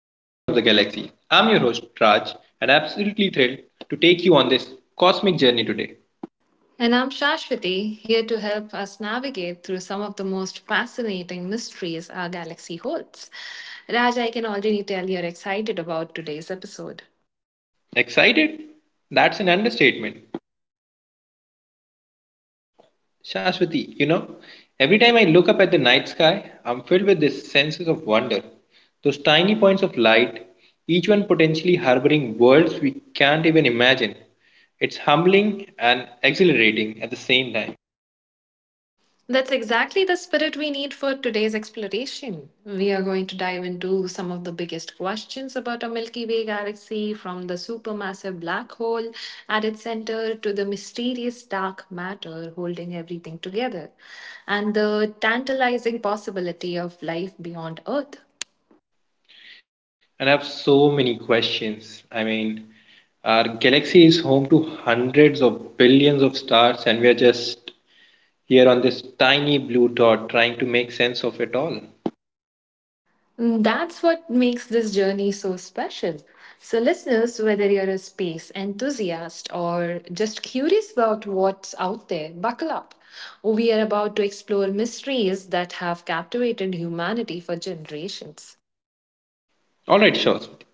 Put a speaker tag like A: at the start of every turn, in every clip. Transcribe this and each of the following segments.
A: I'm your host, Raj, and absolutely thrilled to take you on this cosmic journey today.
B: And I'm Shashwati, here to help us navigate through some of the most fascinating mysteries our galaxy holds. Raj, I can already tell you're excited about today's episode.
A: Excited? That's an understatement. Shashwati, you know, every time I look up at the night sky, I'm filled with this sense of wonder. Those tiny points of light, each one potentially harboring worlds we can't even imagine. It's humbling and exhilarating at the same time.
B: That's exactly the spirit we need for today's exploration. We are going to dive into some of the biggest questions about our Milky Way galaxy, from the supermassive black hole at its center to the mysterious dark matter holding everything together, and the tantalizing possibility of life beyond Earth.
A: And I have so many questions. I mean, our galaxy is home to hundreds of billions of stars, and we are just here on this tiny blue dot trying to make sense of it all.
B: That's what makes this journey so special. So, listeners, whether you're a space enthusiast or just curious about what's out there, buckle up. We are about to explore mysteries that have captivated humanity for generations.
A: All right, Shaswati.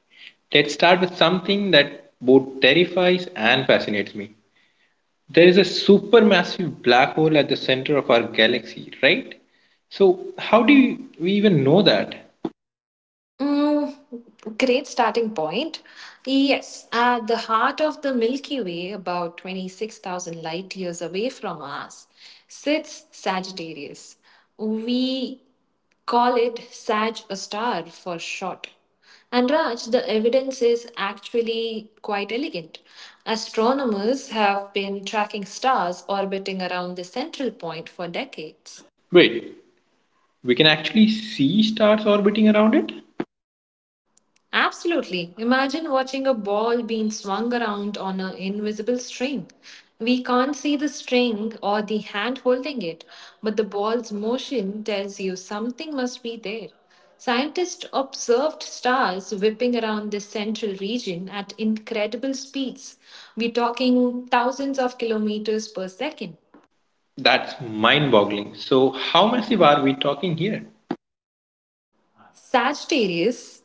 A: Let's start with something that both terrifies and fascinates me. There is a supermassive black hole at the center of our galaxy, right? So, how do we even know that?
B: Mm, Great starting point. Yes, at the heart of the Milky Way, about 26,000 light years away from us, sits Sagittarius. We Call it Sag A star for short. And Raj, the evidence is actually quite elegant. Astronomers have been tracking stars orbiting around the central point for decades.
A: Wait, we can actually see stars orbiting around it?
B: Absolutely. Imagine watching a ball being swung around on an invisible string. We can't see the string or the hand holding it, but the ball's motion tells you something must be there. Scientists observed stars whipping around this central region at incredible speeds. We're talking thousands of kilometers per second.
A: That's mind boggling. So, how massive are we talking here?
B: Sagittarius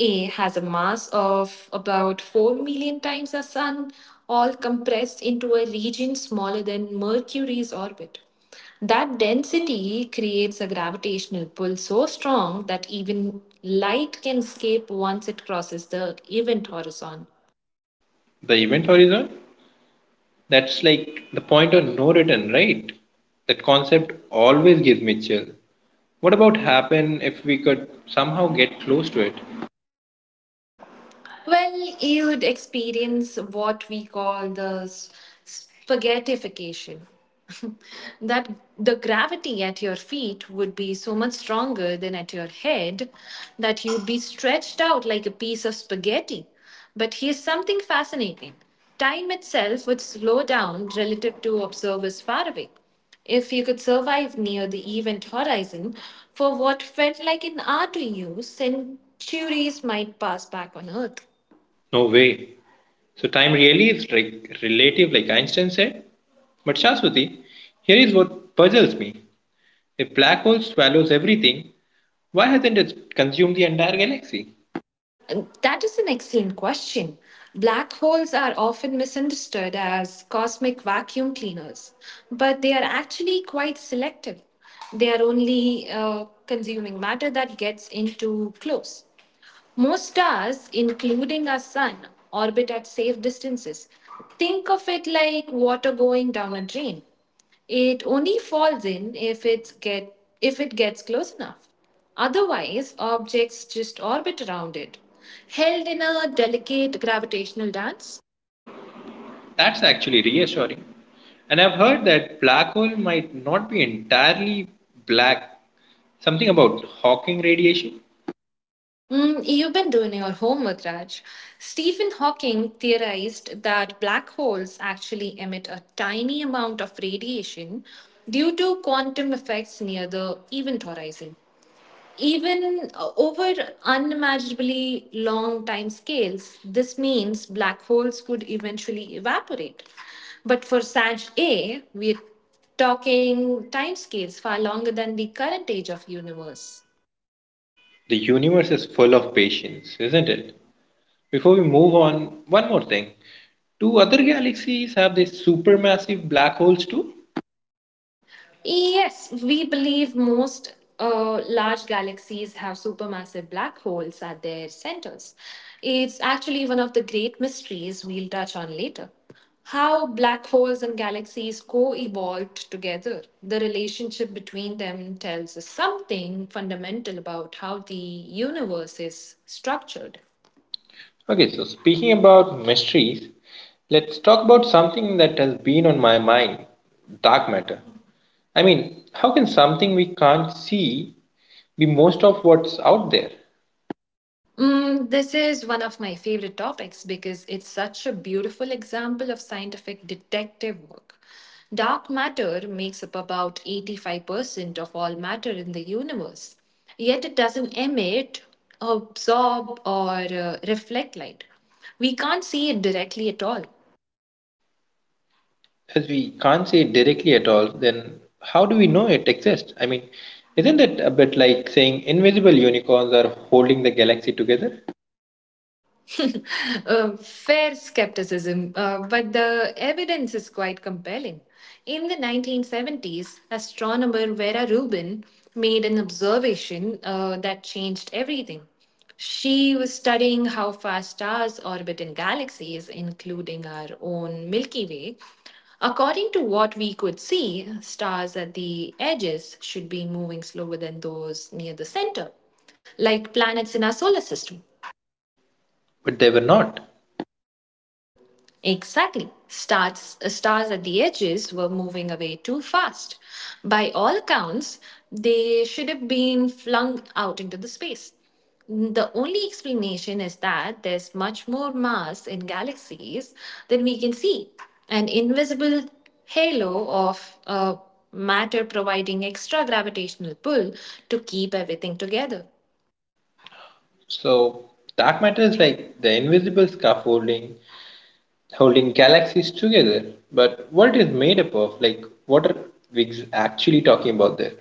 B: A has a mass of about 4 million times the Sun, all compressed into a region smaller than Mercury's orbit. That density creates a gravitational pull so strong that even light can escape once it crosses the event horizon.
A: The event horizon? That's like the point of no return, right? That concept always gives me chill. What about happen if we could somehow get close to it?
B: Well, you'd experience what we call spaghettification. that The gravity at your feet would be so much stronger than at your head that you'd be stretched out like a piece of spaghetti. But here's something fascinating: time itself would slow down relative to observers far away. If you could survive near the event horizon for what felt like an hour to you, centuries might pass back on Earth.
A: No way. So, time really is like relative, like Einstein said. But, Shaswati, here is what puzzles me. If black hole swallows everything, why hasn't it consumed the entire galaxy?
B: That is an excellent question. Black holes are often misunderstood as cosmic vacuum cleaners, but they are actually quite selective. They are only consuming matter that gets into close. Most stars, including our sun, orbit at safe distances. Think of it like water going down a drain. It only falls in if it's get if it gets close enough. Otherwise, objects just orbit around it, held in a delicate gravitational dance.
A: That's actually reassuring. And I've heard that black hole might not be entirely black. Something about Hawking radiation?
B: You've been doing your homework, Raj. Stephen Hawking theorized that black holes actually emit a tiny amount of radiation due to quantum effects near the event horizon. Even over unimaginably long time scales, this means black holes could eventually evaporate. But for SAG A, we're talking timescales far longer than the current age of universe.
A: The universe is full of patience, isn't it? Before we move on, one more thing. Do other galaxies have these supermassive black holes too?
B: Yes, we believe most large galaxies have supermassive black holes at their centers. It's actually one of the great mysteries we'll touch on later: how black holes and galaxies co evolved together. The relationship between them tells us something fundamental about how the universe is structured.
A: Okay, so speaking about mysteries, let's talk about something that has been on my mind dark matter. I mean, how can something we can't see be most of what's out there?
B: This is one of my favorite topics because it's such a beautiful example of scientific detective work. Dark matter makes up about 85% of all matter in the universe, yet it doesn't emit, absorb, or reflect light. We can't see it directly at all.
A: As we can't see it directly at all, then how do we know it exists? I mean, isn't it a bit like saying invisible unicorns are holding the galaxy together?
B: Fair skepticism, but the evidence is quite compelling. In the 1970s, astronomer Vera Rubin made an observation that changed everything. She was studying how fast stars orbit in galaxies, including our own Milky Way. According to what we could see, stars at the edges should be moving slower than those near the center, like planets in our solar system.
A: But they were not.
B: Exactly. Stars at the edges were moving away too fast. By all accounts, they should have been flung out into the space. The only explanation is that there's much more mass in galaxies than we can see, an invisible halo of matter providing extra gravitational pull to keep everything together.
A: So, dark matter is like the invisible scaffolding holding galaxies together. But what it is made up of, like, what are actually talking about there?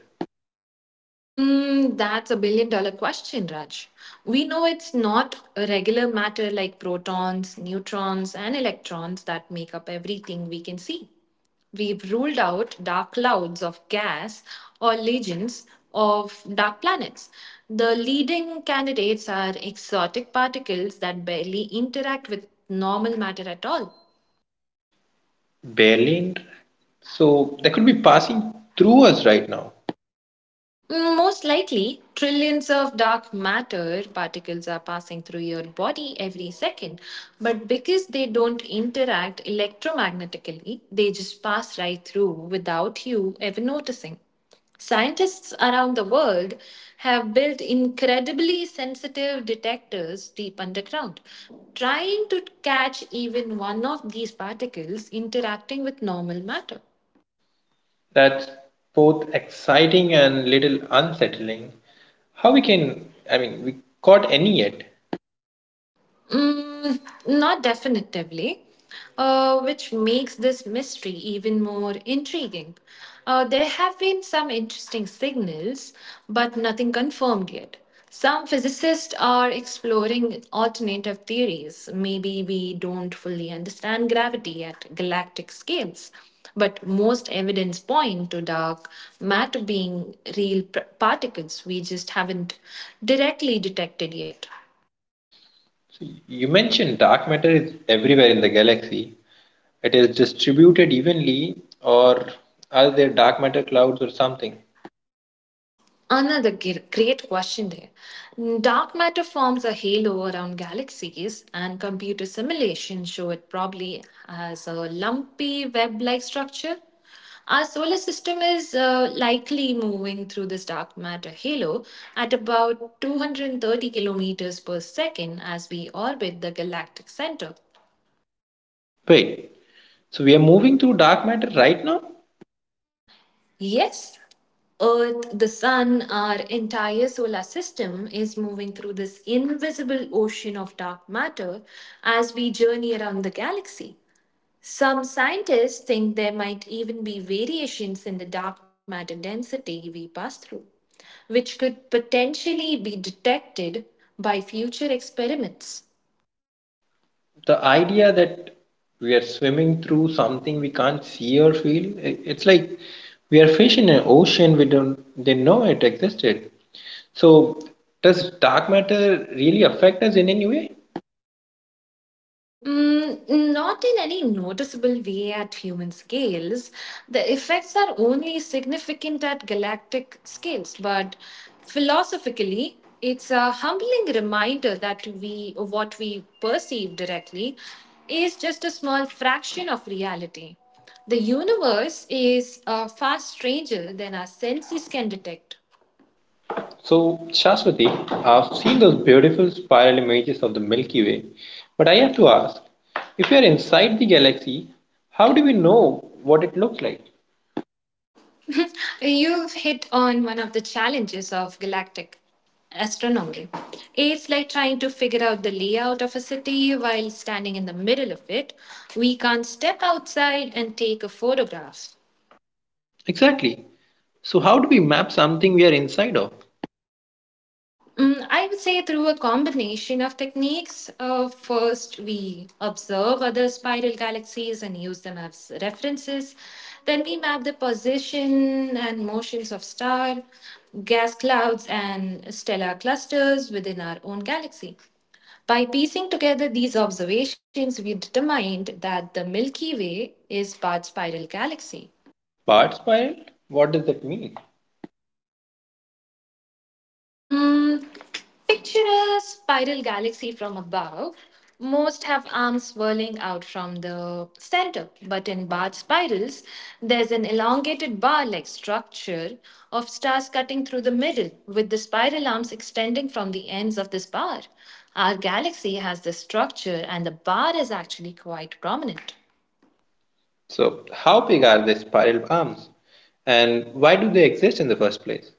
B: That's a billion dollar question, Raj. We know it's not a regular matter like protons, neutrons, and electrons that make up everything we can see. We've ruled out dark clouds of gas or legions of dark planets. The leading candidates are exotic particles that barely interact with normal matter at all.
A: Barely interact. So, they could be passing through us right now.
B: Most likely, trillions of dark matter particles are passing through your body every second. But because they don't interact electromagnetically, they just pass right through without you ever noticing. Scientists around the world have built incredibly sensitive detectors deep underground, trying to catch even one of these particles interacting with normal matter.
A: That's both exciting and little unsettling. How we can, I mean, we caught any yet?
B: Mm, Not definitively, which makes this mystery even more intriguing. There have been some interesting signals, but nothing confirmed yet. Some physicists are exploring alternative theories. Maybe we don't fully understand gravity at galactic scales, but most evidence point to dark matter being real particles we just haven't directly detected yet.
A: You mentioned dark matter is everywhere in the galaxy. It is distributed evenly, or are there dark matter clouds or something?
B: Another great question there. Dark matter forms a halo around galaxies, and computer simulations show it probably has a lumpy web like structure. Our solar system is likely moving through this dark matter halo at about 230 kilometers per second as we orbit the galactic center.
A: Wait, so we are moving through dark matter right now?
B: Yes, Earth, the sun, our entire solar system is moving through this invisible ocean of dark matter as we journey around the galaxy. Some scientists think there might even be variations in the dark matter density we pass through, which could potentially be detected by future experiments.
A: The idea that we are swimming through something we can't see or feel, it's like we are fish in an ocean we don't, they know it existed. So, does dark matter really affect us in any way?
B: Not in any noticeable way at human scales. The effects are only significant at galactic scales, but philosophically, it's a humbling reminder that we, what we perceive directly, is just a small fraction of reality. The universe is far stranger than our senses can detect.
A: So, Shaswati, I've seen those beautiful spiral images of the Milky Way, but I have to ask if we are inside the galaxy, how do we know what it looks like?
B: You've hit on one of the challenges of galactic astronomy. It's like trying to figure out the layout of a city while standing in the middle of it. We can't step outside and take a photograph.
A: Exactly. So, how do we map something we are inside of?
B: I would say through a combination of techniques. First, we observe other spiral galaxies and use them as references. Then we map the position and motions of star, gas clouds, and stellar clusters within our own galaxy. By piecing together these observations, we determined that the Milky Way is part spiral galaxy.
A: Part spiral? What does that mean?
B: Mm, Picture a spiral galaxy from above. Most have arms swirling out from the center, but in barred spirals, there's an elongated bar like structure of stars cutting through the middle, with the spiral arms extending from the ends of this bar. Our galaxy has this structure, and the bar is actually quite prominent.
A: So, how big are the spiral arms? And why do they exist in the first place?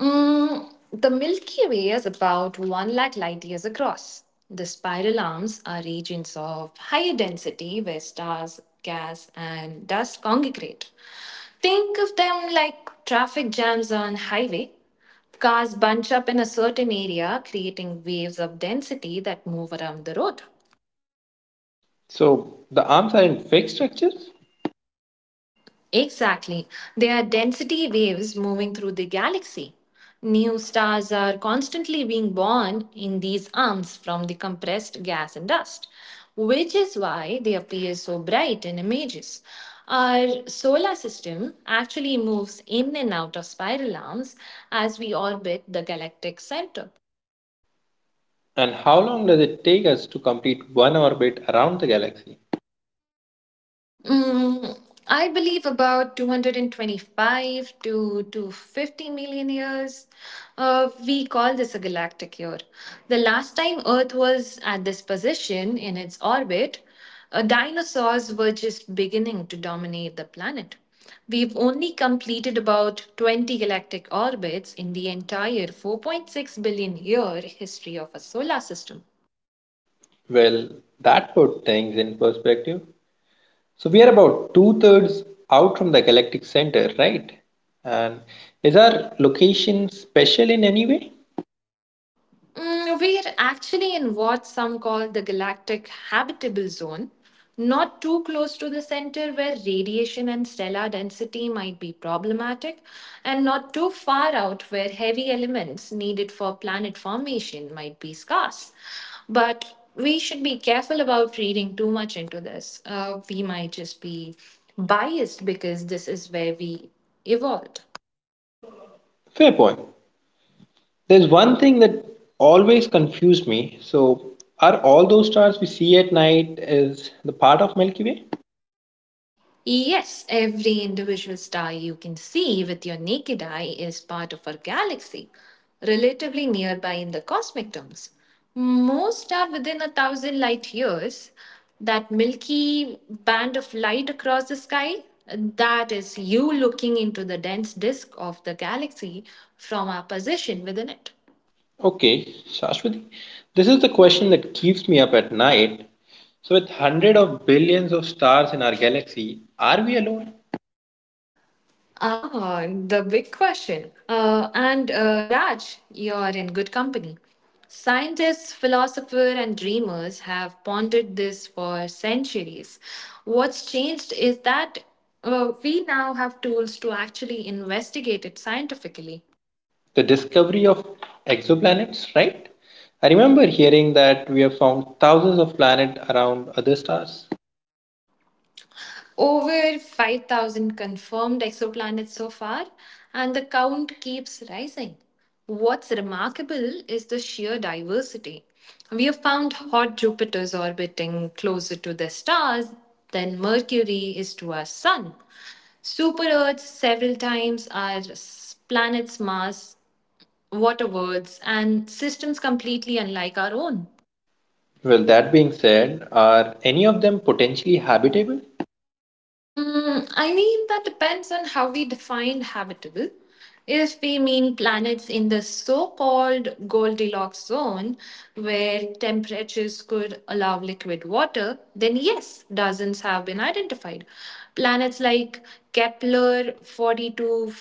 B: The Milky Way is about 1 lakh light years across. The spiral arms are regions of higher density where stars, gas, and dust congregate. Think of them like traffic jams on highway. Cars bunch up in a certain area, creating waves of density that move around the road.
A: So, the arms are in fixed structures?
B: Exactly. They are density waves moving through the galaxy. New stars are constantly being born in these arms from the compressed gas and dust, which is why they appear so bright in images. Our solar system actually moves in and out of spiral arms as we orbit the galactic center.
A: And how long does it take us to complete one orbit around the galaxy?
B: Mm, I believe about 225 to 250 million years. We call this a galactic year. The last time Earth was at this position in its orbit, dinosaurs were just beginning to dominate the planet. We've only completed about 20 galactic orbits in the entire 4.6 billion year history of our solar system.
A: Well, that put things in perspective. So we are about two thirds out from the galactic center, right? And is our location special in any way?
B: We are actually in what some call the galactic habitable zone, not too close to the center where radiation and stellar density might be problematic, and not too far out where heavy elements needed for planet formation might be scarce. But we should be careful about reading too much into this. We might just be biased because this is where we evolved.
A: Fair point. There's one thing that always confused me. So, are all those stars we see at night is the part of Milky Way?
B: Yes, every individual star you can see with your naked eye is part of our galaxy, relatively nearby in the cosmic terms. Most are within a thousand light years. That milky band of light across the sky, that is you looking into the dense disk of the galaxy from our position within it.
A: Okay, Shashwati, this is the question that keeps me up at night. So, with hundreds of billions of stars in our galaxy, are we alone?
B: Ah, the big question. And Raj, you're in good company. Scientists, philosophers, and dreamers have pondered this for centuries. What's changed is that we now have tools to actually investigate it scientifically.
A: The discovery of exoplanets, right? I remember hearing that we have found thousands of planets around other stars.
B: Over 5,000 confirmed exoplanets so far, and the count keeps rising. What's remarkable is the sheer diversity. We have found hot Jupiters orbiting closer to their stars than Mercury is to our Sun. Super Earths several times our planet's mass, water worlds, and systems completely unlike our own.
A: Well, that being said, are any of them potentially habitable?
B: I mean, that depends on how we define habitable. If we mean planets in the so called Goldilocks zone, where temperatures could allow liquid water, then yes, dozens have been identified. Planets like Kepler 42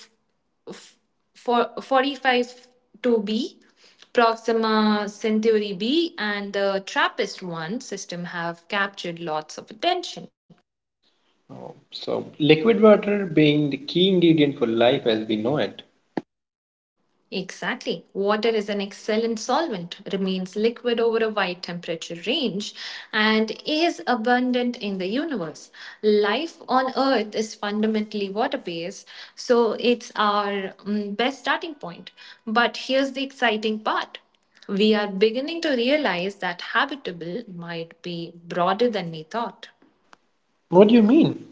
B: f- for 45 2b, Proxima Centauri b, and the TRAPPIST 1 system have captured lots of attention.
A: Oh, so, liquid water being the key ingredient for life as we know it.
B: Exactly. Water is an excellent solvent, remains liquid over a wide temperature range, and is abundant in the universe. Life on Earth is fundamentally water based, so it's our best starting point. But here's the exciting part. We are beginning to realize that habitable might be broader than we thought.
A: What do you mean?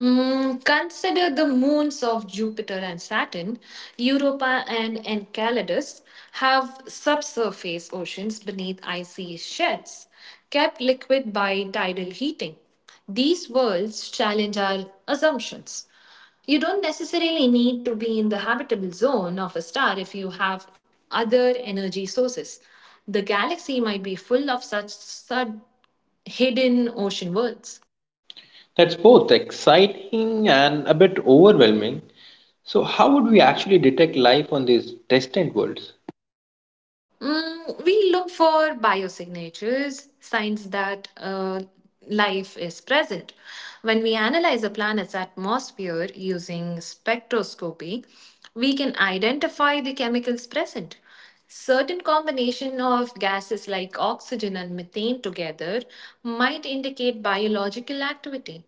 B: Consider the moons of Jupiter and Saturn. Europa and Enceladus have subsurface oceans beneath icy sheds, kept liquid by tidal heating. These worlds challenge our assumptions. You don't necessarily need to be in the habitable zone of a star if you have other energy sources. The galaxy might be full of such hidden ocean worlds.
A: That's both exciting and a bit overwhelming. So, how would we actually detect life on these distant worlds?
B: We look for biosignatures, signs that life is present. When we analyze a planet's atmosphere using spectroscopy, we can identify the chemicals present. Certain combination of gases like oxygen and methane together might indicate biological activity.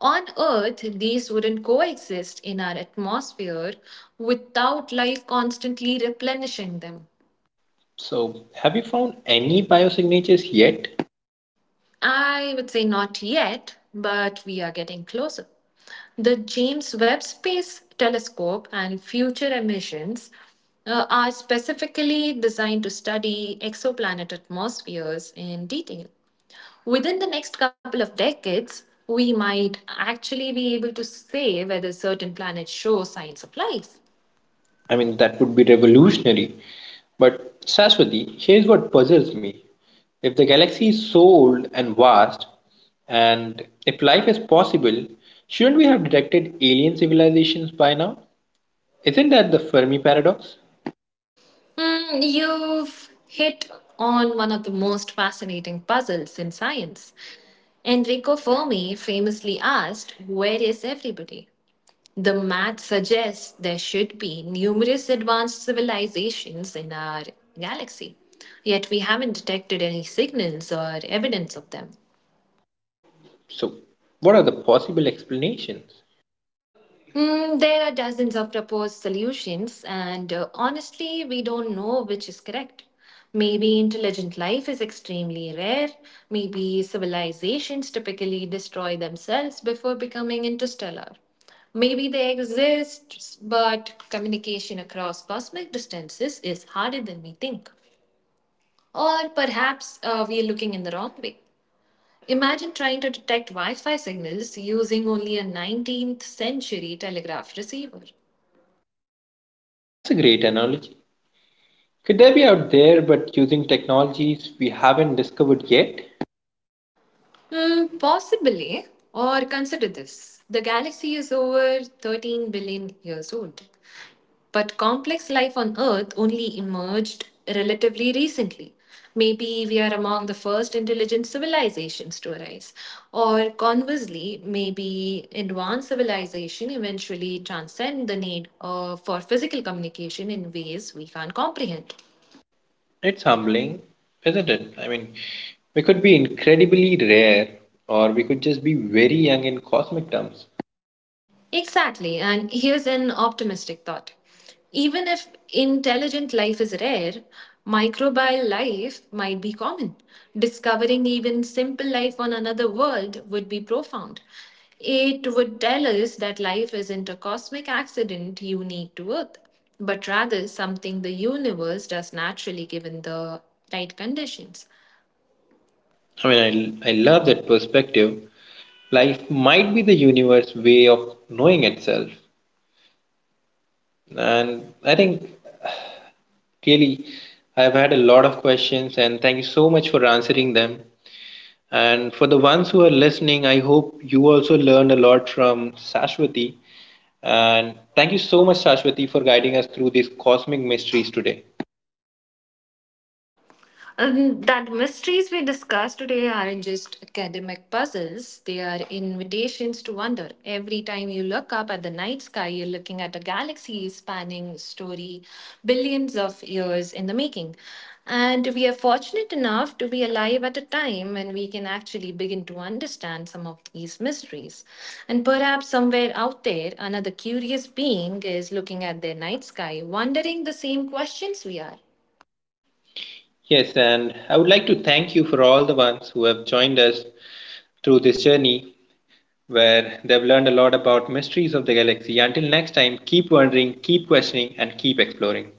B: On Earth, these wouldn't coexist in our atmosphere without life constantly replenishing them.
A: So, have you found any biosignatures yet?
B: I would say not yet, but we are getting closer. The James Webb Space Telescope and future missions are specifically designed to study exoplanet atmospheres in detail. Within the next couple of decades, we might actually be able to say whether certain planets show signs of life.
A: I mean, that would be revolutionary. But, Saswati, here's what puzzles me. If the galaxy is so old and vast, and if life is possible, shouldn't we have detected alien civilizations by now? Isn't that the Fermi paradox?
B: You've hit on one of the most fascinating puzzles in science. Enrico Fermi famously asked, "Where is everybody?" The math suggests there should be numerous advanced civilizations in our galaxy, yet we haven't detected any signals or evidence of them.
A: So, what are the possible explanations?
B: There are dozens of proposed solutions, and honestly, we don't know which is correct. Maybe intelligent life is extremely rare. Maybe civilizations typically destroy themselves before becoming interstellar. Maybe they exist, but communication across cosmic distances is harder than we think. Or perhaps we are looking in the wrong way. Imagine trying to detect Wi Fi signals using only a 19th century telegraph receiver.
A: That's a great analogy. Could they be out there but using technologies we haven't discovered yet?
B: Possibly. Or consider this, the galaxy is over 13 billion years old. But complex life on Earth only emerged relatively recently. Maybe we are among the first intelligent civilizations to arise. Or conversely, maybe advanced civilization eventually transcend the need for physical communication in ways we can't comprehend.
A: It's humbling, isn't it? I mean, we could be incredibly rare or we could just be very young in cosmic terms.
B: Exactly. And here's an optimistic thought. Even if intelligent life is rare, microbial life might be common. Discovering even simple life on another world would be profound. It would tell us that life isn't a cosmic accident unique to Earth, but rather something the universe does naturally given the right conditions.
A: I mean, I love that perspective. Life might be the universe's way of knowing itself. And I think really I've had a lot of questions and thank you so much for answering them. And for the ones who are listening, I hope you also learned a lot from Sashwati. And thank you so much, Sashwati, for guiding us through these cosmic mysteries today.
B: That mysteries we discussed today aren't just academic puzzles, they are invitations to wonder. Every time you look up at the night sky, you're looking at a galaxy spanning story billions of years in the making. And we are fortunate enough to be alive at a time when we can actually begin to understand some of these mysteries. And perhaps somewhere out there, another curious being is looking at their night sky, wondering the same questions we are.
A: Yes, and I would like to thank you for all the ones who have joined us through this journey where they've learned a lot about mysteries of the galaxy. Until next time, keep wondering, keep questioning, and keep exploring.